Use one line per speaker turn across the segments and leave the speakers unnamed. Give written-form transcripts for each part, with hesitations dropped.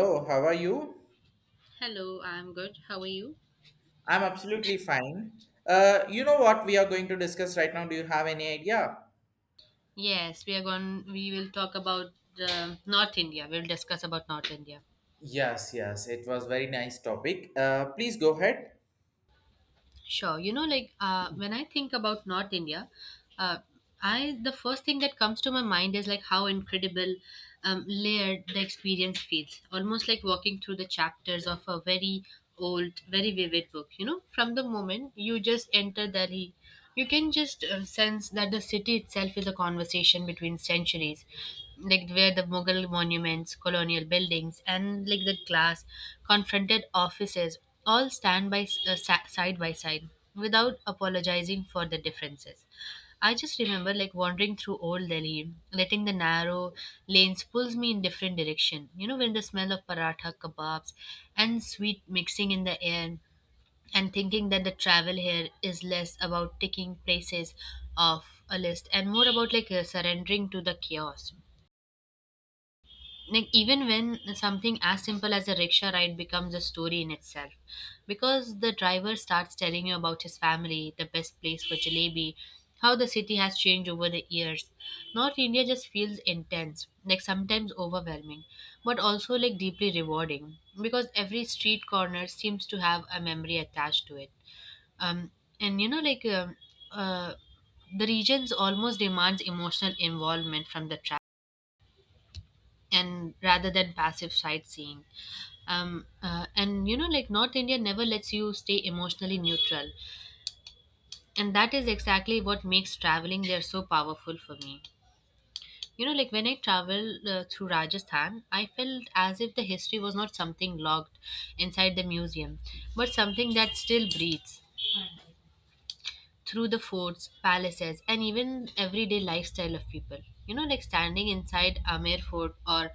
Hello, how are you?
Hello, I'm good. How are you?
I'm absolutely fine. You know what we are going to discuss right now? Do you have any idea?
Yes, we are going. We will talk about North India. We'll discuss about North India.
Yes, yes, it was very nice topic. Please go ahead.
Sure. You know, like when I think about North India, uh, I the first thing that comes to my mind is like how incredible, layered the experience feels. Almost like walking through the chapters of a very old, very vivid book. You know, from the moment you just enter Delhi, you can just sense that the city itself is a conversation between centuries, like where the Mughal monuments, colonial buildings, and like the glass confronted offices all stand by side by side without apologizing for the differences. I just remember like wandering through old Delhi, letting the narrow lanes pulls me in different direction. You know when the smell of paratha kebabs and sweet mixing in the air, and thinking that the travel here is less about ticking places off a list and more about like surrendering to the chaos, like even when something as simple as a rickshaw ride becomes a story in itself because the driver starts telling you about his family, the best place for jalebi, how the city has changed over the years. North India just feels intense, like sometimes overwhelming but also like deeply rewarding because every street corner seems to have a memory attached to it. Um and you know like um, uh, the regions almost demands emotional involvement from the traveler and rather than passive sightseeing. And you know, like North India never lets you stay emotionally neutral, and that is exactly what makes traveling there so powerful for me. You know, like when I traveled through Rajasthan, I felt as if the history was not something locked inside the museum, but something that still breathes through the forts, palaces, and even everyday lifestyle of people. You know, like standing inside Amer Fort or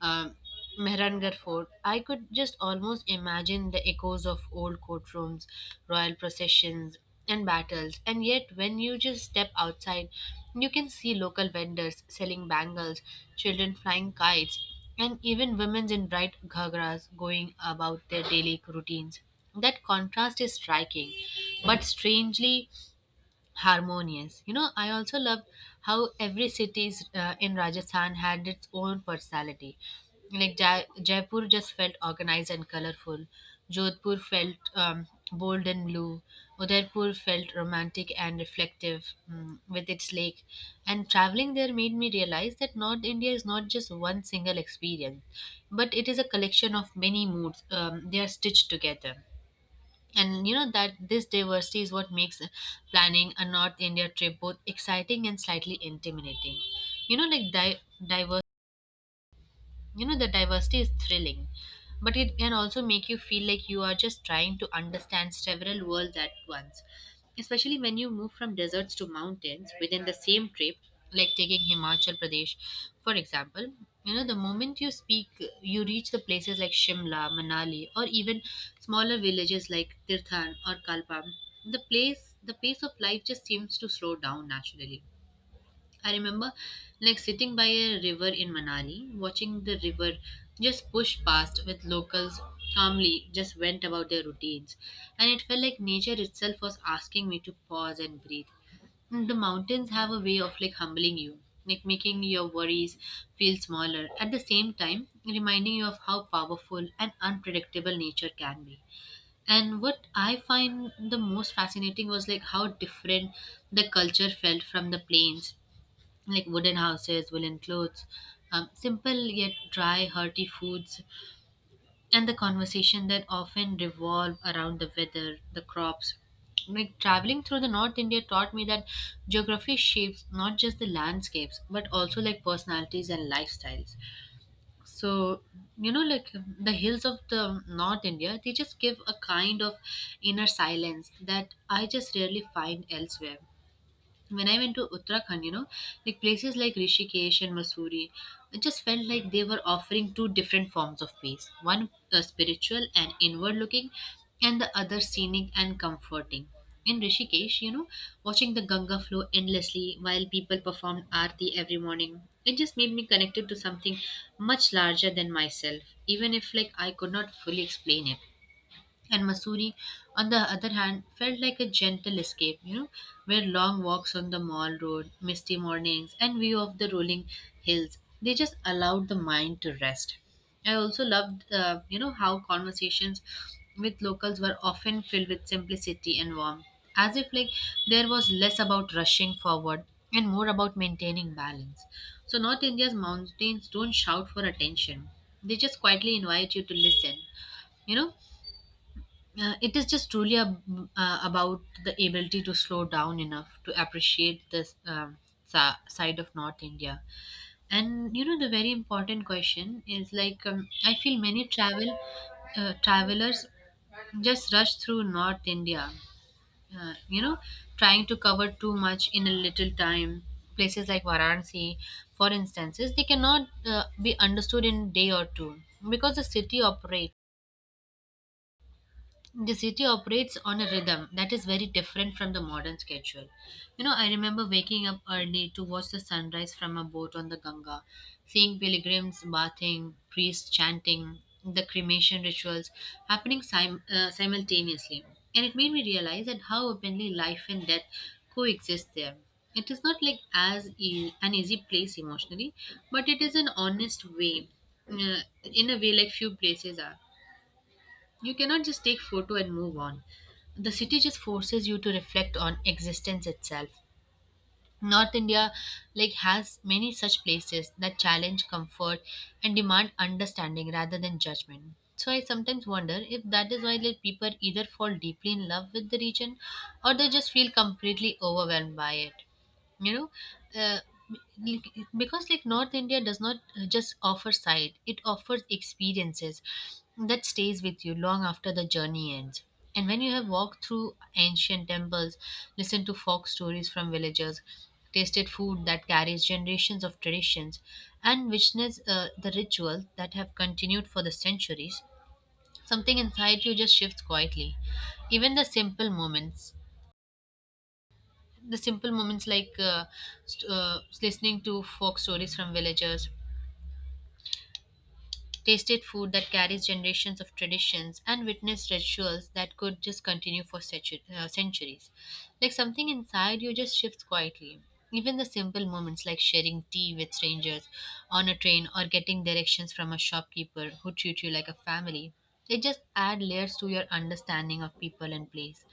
um, Mehrangarh Fort, I could just almost imagine the echoes of old courtrooms, royal processions, and battles. And yet, when you just step outside, you can see local vendors selling bangles, children flying kites, and even women in bright ghagras going about their daily routines. That contrast is striking, but strangely harmonious. You know, I also loved how every city in Rajasthan had its own personality. Like Jaipur just felt organized and colorful. Jodhpur felt bold and blue. Udaipur felt romantic and reflective, mm, with its lake. And traveling there made me realize that North India is not just one single experience, but it is a collection of many moods. They are stitched together, and you know that this diversity is what makes planning a North India trip both exciting and slightly intimidating. You know, like diverse, you know, the diversity is thrilling, but it can also make you feel like you are just trying to understand several worlds at once, especially when you move from deserts to mountains within the same trip. Like taking Himachal Pradesh, for example. You know, the moment you speak, you reach the places like Shimla, Manali, or even smaller villages like Tirthan or Kalpa, the pace of life just seems to slow down naturally. I remember like sitting by a river in Manali, watching the river just push past with locals calmly just went about their routines. And it felt like nature itself was asking me to pause and breathe. The mountains have a way of like humbling you, like making your worries feel smaller, at the same time reminding you of how powerful and unpredictable nature can be. And what I find the most fascinating was like how different the culture felt from the plains, like wooden houses, woolen clothes, simple yet dry, hearty foods, and the conversation that often revolve around the weather, the crops. Like traveling through the North India taught me that geography shapes not just the landscapes but also like personalities and lifestyles. So, you know, like the hills of the North India, they just give a kind of inner silence that I just rarely find elsewhere. When I went to Uttarakhand, you know, like places like Rishikesh and Masuri, it just felt like they were offering two different forms of peace, one spiritual and inward looking, and the other scenic and comforting. In Rishikesh, you know, watching the Ganga flow endlessly while people performed aarti every morning, it just made me connected to something much larger than myself, even if like I could not fully explain it. And Masuri, on the other hand, felt like a gentle escape, you know, where long walks on the mall road, misty mornings, and view of the rolling hills, they just allowed the mind to rest. I also loved, you know, how conversations with locals were often filled with simplicity and warmth, as if like there was less about rushing forward and more about maintaining balance. So North India's mountains don't shout for attention; they just quietly invite you to listen. You know, it is just truly about the ability to slow down enough to appreciate this, side of North India. And you know, the very important question is like, I feel many travelers just rush through North India. You know, trying to cover too much in a little time. Places like Varanasi, for instance, is they cannot be understood in day or two because the city operates on a rhythm that is very different from the modern schedule. You know, I remember waking up early to watch the sunrise from a boat on the Ganga, seeing pilgrims bathing, priests chanting, the cremation rituals happening simultaneously. And it made me realize that how openly life and death coexist there. It is not like an easy place emotionally, but it is an honest way, in a way like few places are. You cannot just take photo and move on. The city just forces you to reflect on existence itself. North India like has many such places that challenge comfort and demand understanding rather than judgment. So I sometimes wonder if that is why, like, people either fall deeply in love with the region or they just feel completely overwhelmed by it. You know, uh, like, because like North India does not just offer sight, it offers experiences that stays with you long after the journey ends. And when you have walked through ancient temples, listened to folk stories from villagers, tasted food that carries generations of traditions, and witnessed the rituals that have continued for the centuries, something inside you just shifts quietly. Even the simple moments, the simple moments like uh, listening to folk stories from villagers, tasted food that carries generations of traditions, and witnessed rituals that could just continue for centuries, like something inside you just shifts quietly. Even the simple moments like sharing tea with strangers on a train or getting directions from a shopkeeper who treat you like a family, they just add layers to your understanding of people and place.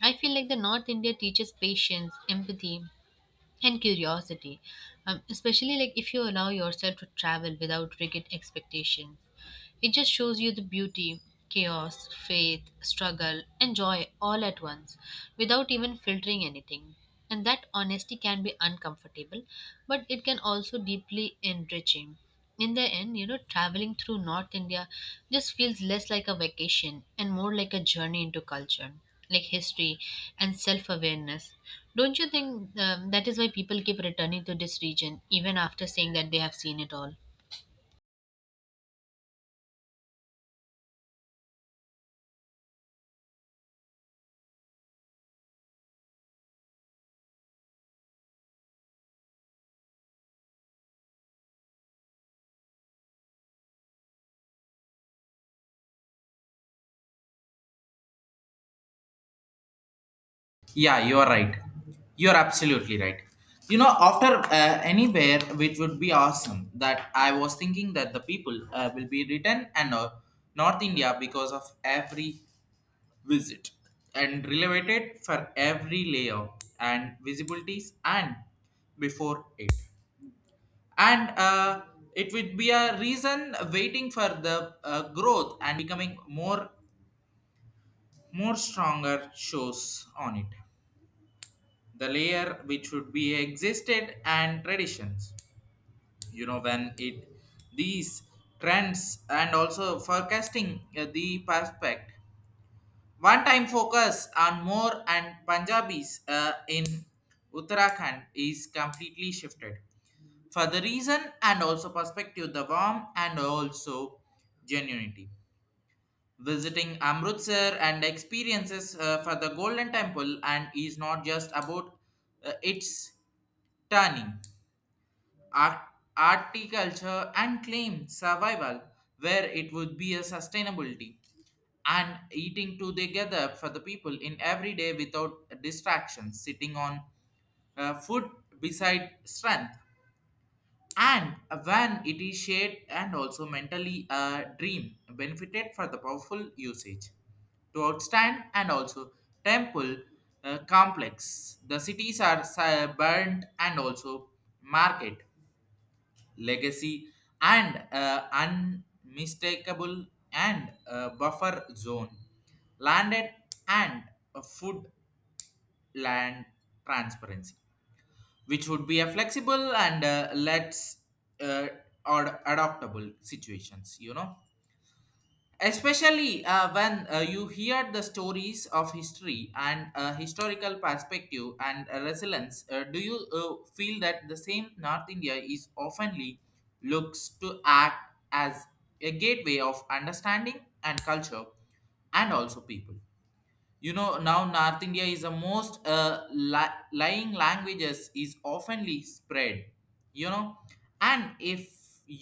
I feel like the North India teaches patience, empathy, and curiosity, especially like if you allow yourself to travel without rigid expectation. It just shows you the beauty, chaos, faith, struggle, and joy all at once without even filtering anything. And that honesty can be uncomfortable, but it can also deeply enriching. In the end, you know, traveling through North India just feels less like a vacation and more like a journey into culture, like history and self awareness. Don't you think that is why people keep returning to this region even after saying that they have seen it all?
Yeah, you are right. You are absolutely right. You know, after anywhere, which would be awesome, that I was thinking that the people will be written and North India because of every visit and related for every layer and visibilities and before it. And it would be a reason waiting for the growth and becoming more stronger shows on it, the layer which would be existed and traditions, you know, when it, these trends and also forecasting the prospect one time focus on more and punjabis in uttarakhand is completely shifted for the reason and also perspective, the warmth and also genuinity. Visiting Amritsar and experiences for the Golden Temple and is not just about its turning, art, articulture and claim survival where it would be a sustainability and eating together for the people in every day without distractions, sitting on food beside strength and when it is shared and also mentally dream benefited for the powerful usage to outstand and also temple complex, the cities are si- burnt and also market legacy and unmistakable and buffer zone landed and food land transparency which would be a flexible and let's uh, or adaptable situations, you know, especially when you hear the stories of history and historical perspective and resilience. Do you feel that the same north india is oftenly looks to act as a gateway of understanding and culture and also people? You know, now north india is the most li- lying languages is oftenly spread, you know, and if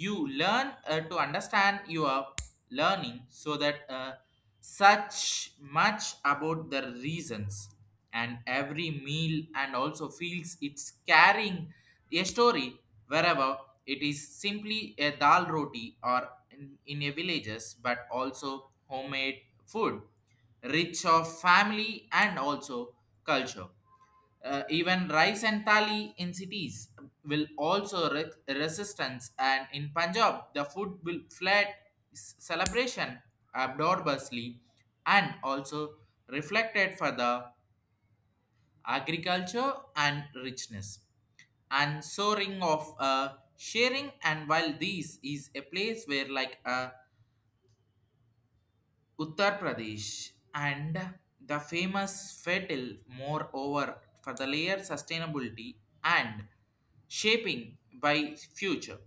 you learn to understand your learning, so that such much about the reasons and every meal and also feels it's carrying a story wherever it is simply a dal roti or in a villages but also homemade food rich of family and also culture. Even rice and thali in cities will also re- resistance and in Punjab the food will flat s- celebration abnormously and also reflected for the agriculture and richness and soaring of sharing and while this is a place where like a Uttar Pradesh and the famous fatal moreover for the layer sustainability and shaping by future.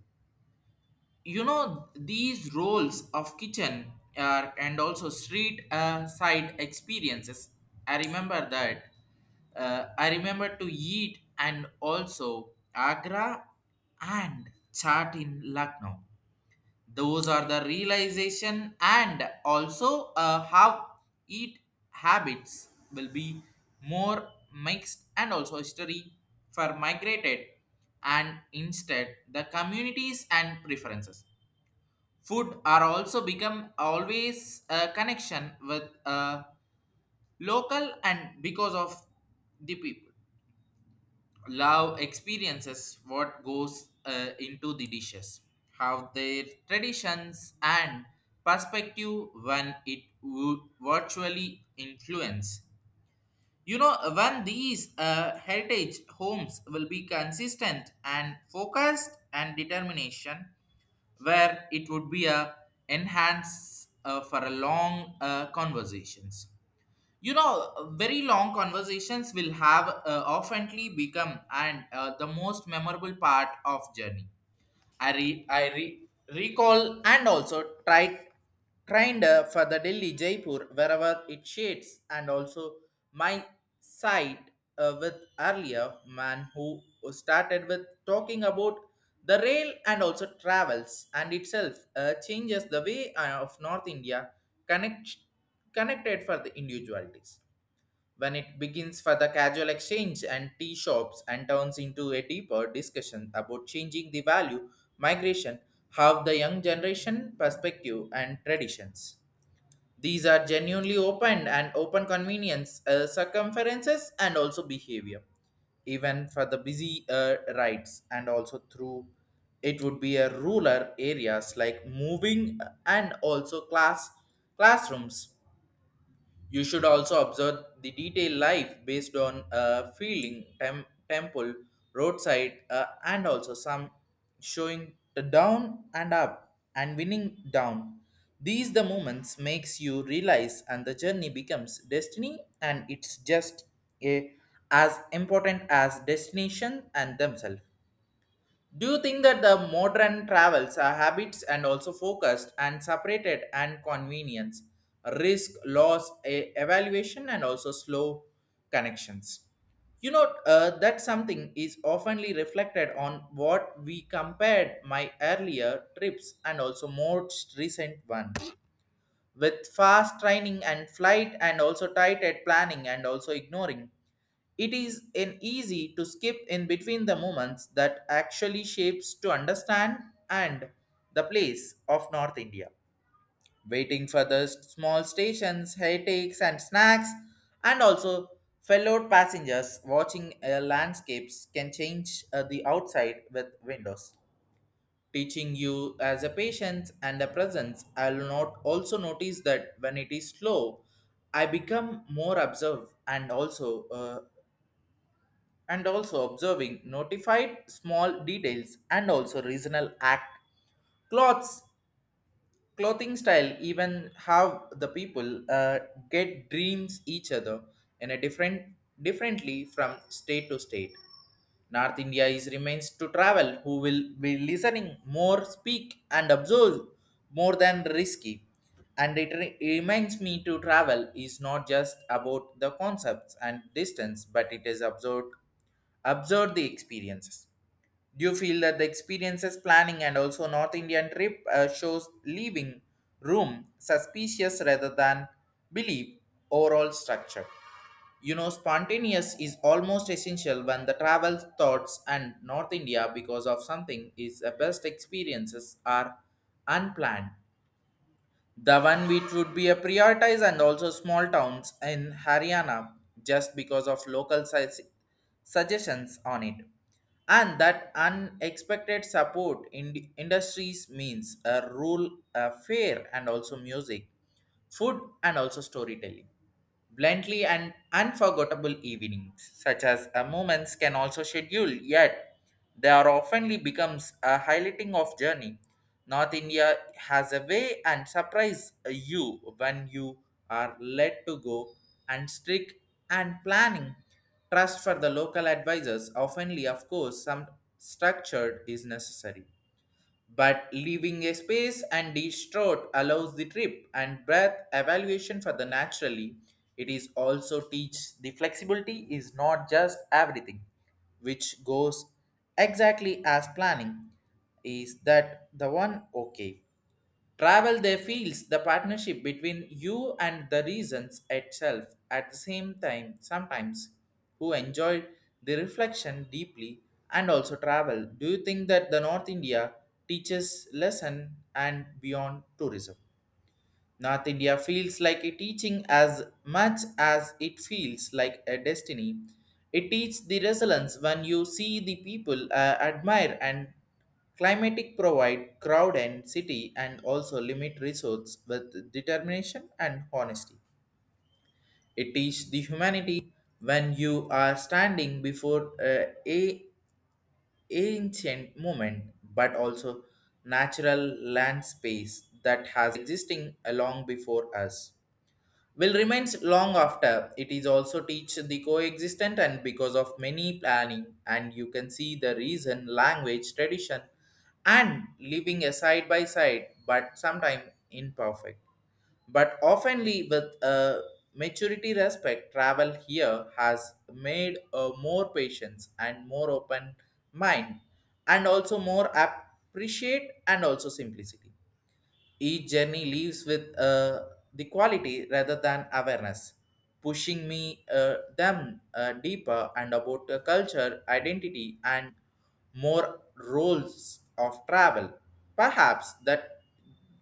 You know these roles of kitchen and also street side experiences. I remember that. I remember to eat and also Agra and chat in Lucknow, those are the realization and also how eat habits will be more mixed and also history for migrated and instead the communities and preferences food are also become always a connection with local and because of the people love experiences what goes into the dishes have their traditions and perspective when it wo- virtually influence. You know, when these heritage homes will be consistent and focused and determination where it would be a enhance for a long conversations, you know, very long conversations will have oftenly become and the most memorable part of journey. I recall and also tried trained for the delhi jaipur wherever it shades and also my side with earlier man who started with talking about the rail and also travels and itself changes the way of north india connect connected for the individualities when it begins for the casual exchange and tea shops and turns into a deeper discussion about changing the value, migration, how the young generation perspective and traditions. These are genuinely open and open convenience circumferences and also behavior, even for the busy rides and also through it would be a rural areas like moving and also classrooms, you should also observe the detailed life based on feeling, tem- temple, roadside, and also some showing the down and up and winning down. These the moments makes you realize and the journey becomes destiny and it's just a, as important as destination and themselves. Do you think that the modern travels are habits and also focused and separated and convenience, risk, loss, e- evaluation, and also slow connections? You know, that something is oftenly reflected on what we compared my earlier trips and also most recent one with fast training and flight and also tight at planning and also ignoring it is an easy to skip in between the moments that actually shapes to understand and the place of North India. Waiting for the small stations, headaches and snacks, and also fellow passengers watching landscapes can change the outside with windows. Teaching you as a patience and a presence, I will not also notice that when it is slow, I become more observed and also observing notified small details and also regional act clothes clothing style, even how the people get dreams each other in a different differently from state to state. North India is remains to travel who will be listening more speak and observe more than risky, and it re- reminds me to travel is not just about the concepts and distance but it is absurd observe the experiences. Do you feel that the experiences planning and also north indian trip shows leaving room suspicious rather than believe overall structure? You know, spontaneous is almost essential when the travel thoughts and North India because of something is the best experiences are unplanned. The one which would be a prioritize and also small towns in Haryana just because of local size suggestions on it. And that unexpected support in industries means a rule, a fair, and also music food, and also storytelling. Blindly and unforgettable evenings, such as moments, can also schedule, yet they are oftenly becomes a highlighting of journey. North India has a way and surprise you when you are led to go and strict and planning. Trust for the local advisors, oftenly, of course, some structured is necessary but leaving a space and distraught allows the trip and breath evaluation for the naturally, it is also teach the flexibility is not just everything which goes exactly as planning is that the one okay. Travel there feels the partnership between you and the reasons itself, at the same time sometimes who enjoyed the reflection deeply and also travel. Do you think that the North India teaches lesson and beyond tourism? North India feels like a teaching as much as it feels like a destiny. It teaches the resilience when you see the people admire and climatic provide crowd and city and also limit resource with determination and honesty. It teaches the humanity when you are standing before a ancient moment but also natural land space that has existing long before us will remains long after, it is also teach the coexistent and because of many planning and you can see the reason language tradition and living a side by side but sometimes imperfect but oftenly with a maturity respect, travel here has made a more patience and more open mind and also more appreciate and also simplicity. Each journey leaves with the quality rather than awareness, pushing me them deeper and about the culture, identity, and more roles of travel. Perhaps that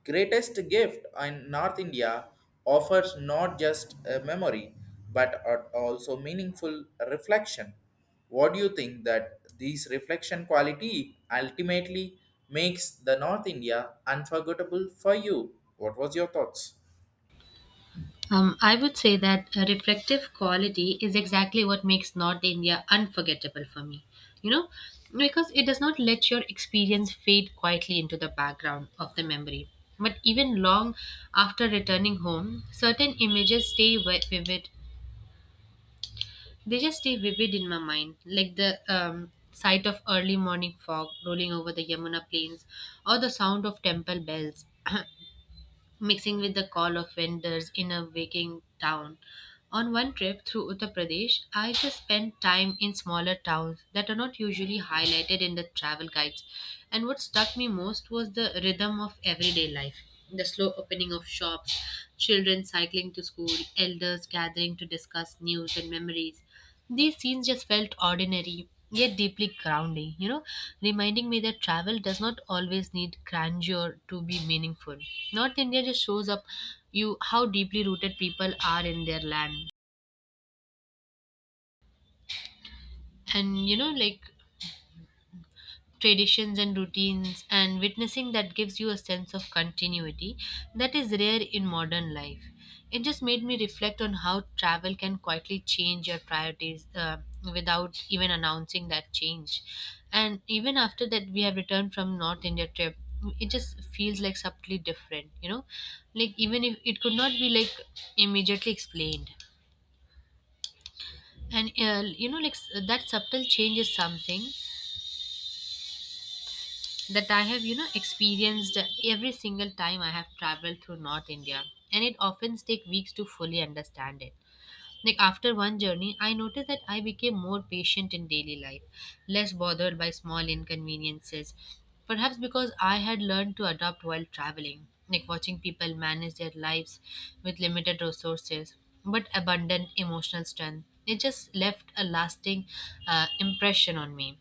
greatest gift in North India offers not just a memory but a- also meaningful reflection. What do you think that these reflection quality ultimately makes the North India unforgettable for you? What was your thoughts?
I would say that a reflective quality is exactly what makes North India unforgettable for me. You know, because it does not let your experience fade quietly into the background of the memory. But even long after returning home, certain images stay vivid. They just stay vivid in my mind, like the sight of early morning fog rolling over the Yamuna plains or the sound of temple bells. mixing with the call of vendors in a waking town. On one trip through Uttar Pradesh, I just spent time in smaller towns that are not usually highlighted in the travel guides. And what struck me most was the rhythm of everyday life, the slow opening of shops, children cycling to school, elders gathering to discuss news and memories. These scenes just felt ordinary, yet deeply grounding, you know, reminding me that travel does not always need grandeur to be meaningful. North India just shows up you how deeply rooted people are in their land. And you know, like, traditions and routines, and witnessing that gives you a sense of continuity that is rare in modern life. It just made me reflect on how travel can quietly change your priorities without even announcing that change. And even after that we have returned from North India trip, it just feels like subtly different, you know, like even if it could not be like immediately explained. And you know, like that subtle change is something that I have, you know, experienced every single time I have traveled through North India, and it often take weeks to fully understand it. Like after one journey, I noticed that I became more patient in daily life, less bothered by small inconveniences, perhaps because I had learned to adapt while traveling, like watching people manage their lives with limited resources but abundant emotional strength. It just left a lasting impression on me.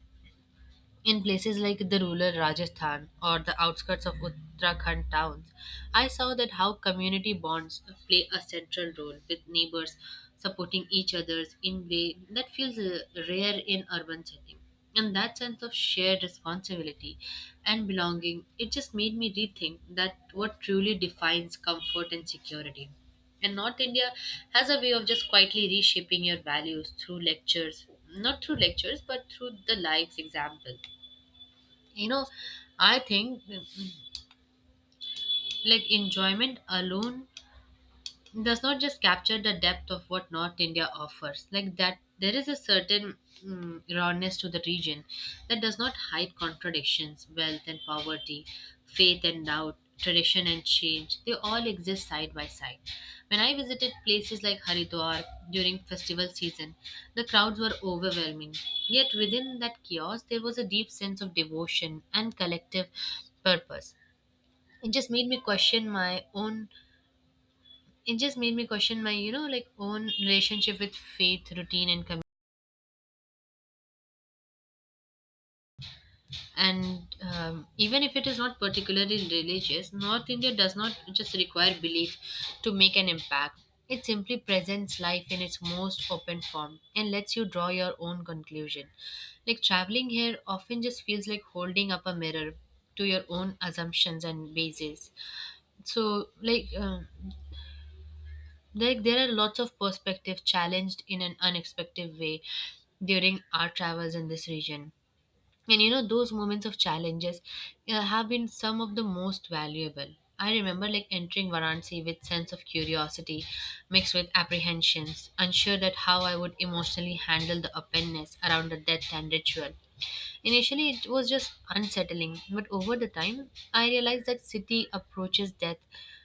In places like the rural Rajasthan or the outskirts of Uttarakhand towns, I saw that how community bonds play a central role, with neighbors supporting each other in way that feels rare in urban setting. And that sense of shared responsibility and belonging, it just made me rethink that what truly defines comfort and security. And North India has a way of just quietly reshaping your values through lectures, not through lectures, but through the life's example, you know. I think, like, enjoyment alone does not just capture the depth of what North India offers. Like, that there is a certain rawness to the region that does not hide contradictions. Wealth and poverty, faith and doubt, tradition and change, they all exist side by side. When I visited places like Haridwar during festival season, the crowds were overwhelming, yet within that chaos there was a deep sense of devotion and collective purpose. it just made me question my own it just made me question my, you know, like, own relationship with faith, routine and community. And even if it is not particularly religious, North India does not just require belief to make an impact. It simply presents life in its most open form and lets you draw your own conclusion. Like, traveling here often just feels like holding up a mirror to your own assumptions and bases. So like um Like, there are lots of perspective challenged in an unexpected way during our travels in this region. And you know, those moments of challenges have been some of the most valuable. I remember like entering Varanasi with sense of curiosity mixed with apprehensions, unsure that how I would emotionally handle the openness around the death and ritual. Initially, it was just unsettling, but over the time, I realized that city approaches death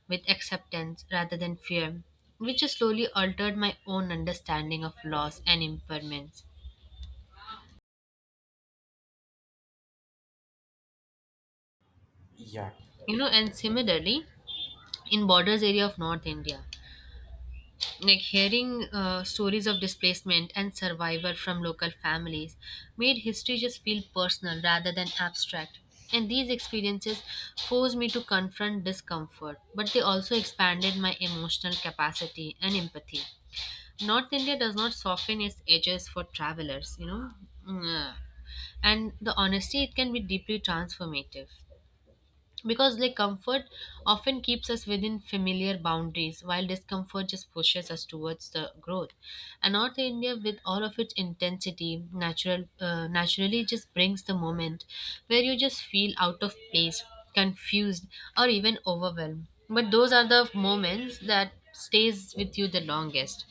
with acceptance rather than fear, which has slowly altered my own understanding of loss and impairments.
Yeah,
You know, and similarly, in borders area of North India, like hearing stories of displacement and survival from local families made history just feel personal rather than abstract. And these experiences forced me to confront discomfort, but they also expanded my emotional capacity and empathy. North India does not soften its edges for travelers, you know. Mm, yeah. And the honesty, it can be deeply transformative, because like comfort often keeps us within familiar boundaries, while discomfort just pushes us towards the growth. And North India, with all of its intensity, naturally just brings the moment where you just feel out of place, confused, or even overwhelmed. But those are the moments that stays with you the longest.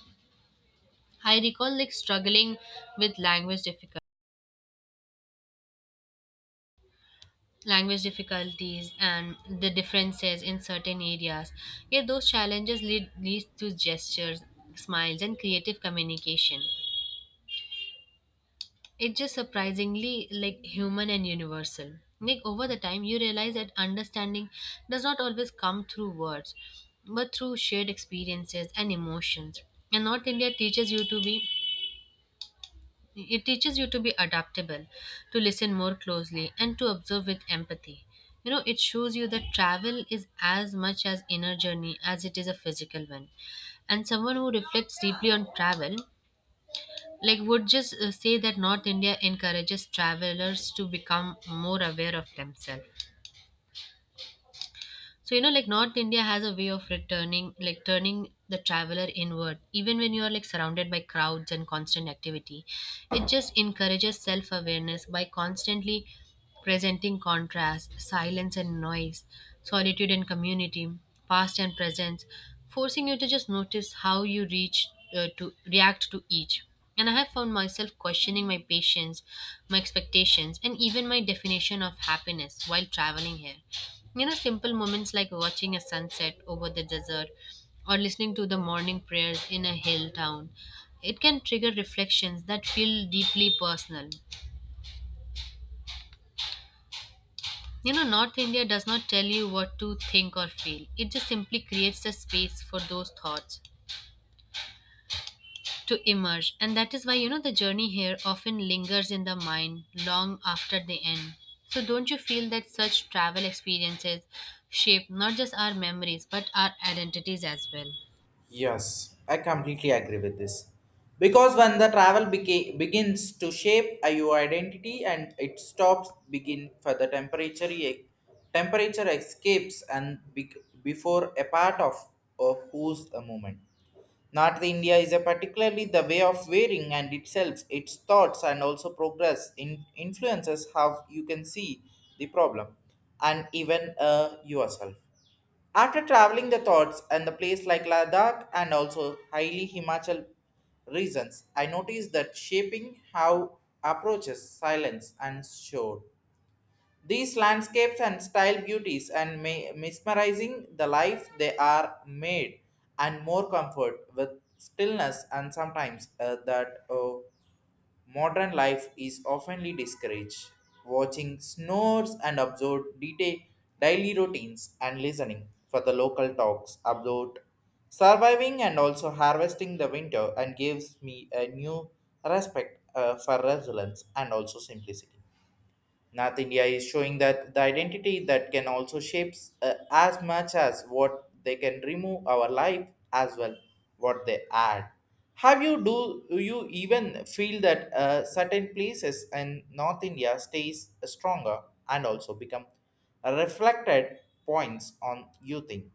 I recall like struggling with language difficulties and the differences in certain areas. Yet those challenges leads to gestures, smiles, and creative communication. It's just surprisingly like human and universal. Like, over the time, you realize that understanding does not always come through words, but through shared experiences and emotions. And North India teaches you to be It teaches you to be adaptable, to listen more closely, and to observe with empathy. You know, it shows you that travel is as much an inner journey as it is a physical one. And someone who reflects deeply on travel, like, would just say that North India encourages travelers to become more aware of themselves. So, you know, like, North India has a way of returning, like turning the traveler inward. Even when you are like surrounded by crowds and constant activity, it just encourages self awareness by constantly presenting contrast: silence and noise, solitude and community, past and presence, forcing you to just notice how you reach to react to each. And I have found myself questioning my patience, my expectations, and even my definition of happiness while traveling here. You know, simple moments like watching a sunset over the desert or listening to the morning prayers in a hill town. It can trigger reflections that feel deeply personal. You know, North India does not tell you what to think or feel. It just simply creates a space for those thoughts to emerge. And that is why, you know, the journey here often lingers in the mind long after the end. So, don't you feel that such travel experiences shape not just our memories but our identities as well?
yes, I completely agree with this. Because when the travel beca- begins to shape your identity and it stops begin for the temperature e- temperature escapes and be- before a part of who's a moment. North India is a particularly the way of wearing and itself, its thoughts and also progress in influences how you can see the problem and even yourself. After traveling the thoughts and the place like Ladakh and also highly Himachal regions, I noticed that shaping how approaches silence and showed. These landscapes and style beauties and ma- mesmerizing the life they are made and more comfort with stillness and sometimes that modern life is oftenly discouraged. Watching snores and observe detail daily routines and listening for the local talks about surviving and also harvesting the winter and gives me a new respect for resilience and also simplicity. North India is showing that the identity that can also shapes as much as what they can remove our life as well what they add. Have you, do you even feel that certain places in North India stays stronger and also become reflected points on you think?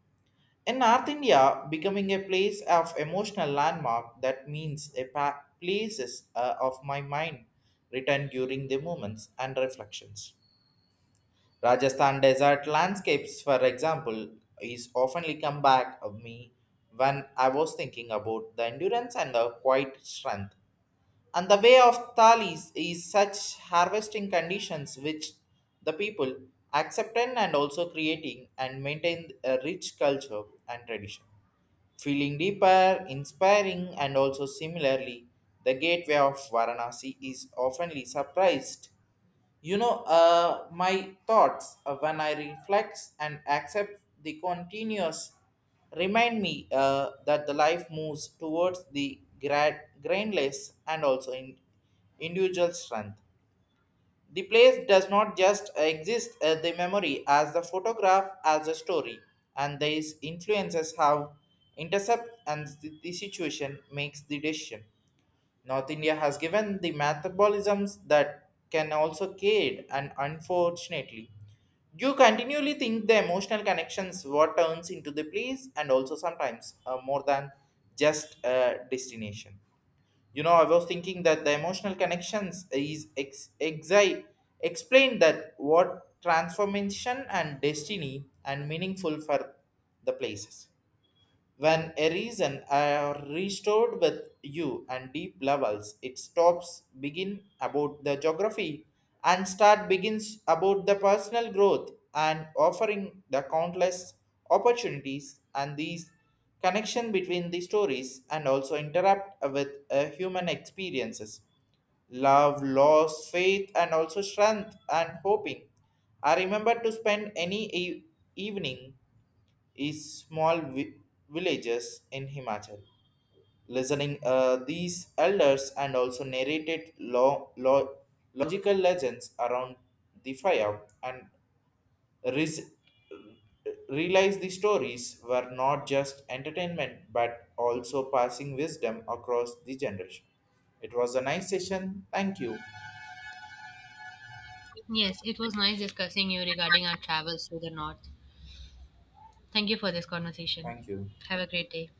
In North India, becoming a place of emotional landmark, that means a pa- places of my mind written during the moments and reflections. Rajasthan desert landscapes, for example, is oftenly come back of me when I was thinking about the endurance and the quiet strength and the way of Thales is such harvesting conditions which the people accept in and also creating and maintain a rich culture and tradition. Feeling deeper, inspiring, and also similarly, the gateway of Varanasi is oftenly surprised you know, my thoughts when I reflect and accept the continuous remind me that the life moves towards the grad, grainless and also in individual strength. The place does not just exist as the memory, as the photograph, as a story, and these influences have intercept and the situation makes the decision. North India has given the metabolisms that can also create, and unfortunately, you continually think the emotional connections what turns into the place and also sometimes more than just a destination. You know, I was thinking that the emotional connections is ex- exi- explained that what transformation and destiny and meaningful for the places. When a reason are restored with you and deep levels, it stops begin about the geography and start begins about the personal growth and offering the countless opportunities and these connection between the stories and also interact with human experiences love, loss, faith, and also strength and hoping. I remember to spend any e- evening is small vi- villages in Himachal. Listening, these elders and also narrated lo- lo- logical legends around the fire and res- realized the stories were not just entertainment but also passing wisdom across the generation. It was a nice session. Thank you.
Yes, it was nice discussing you regarding our travels to the north. Thank you for this conversation.
Thank you.
Have a great day.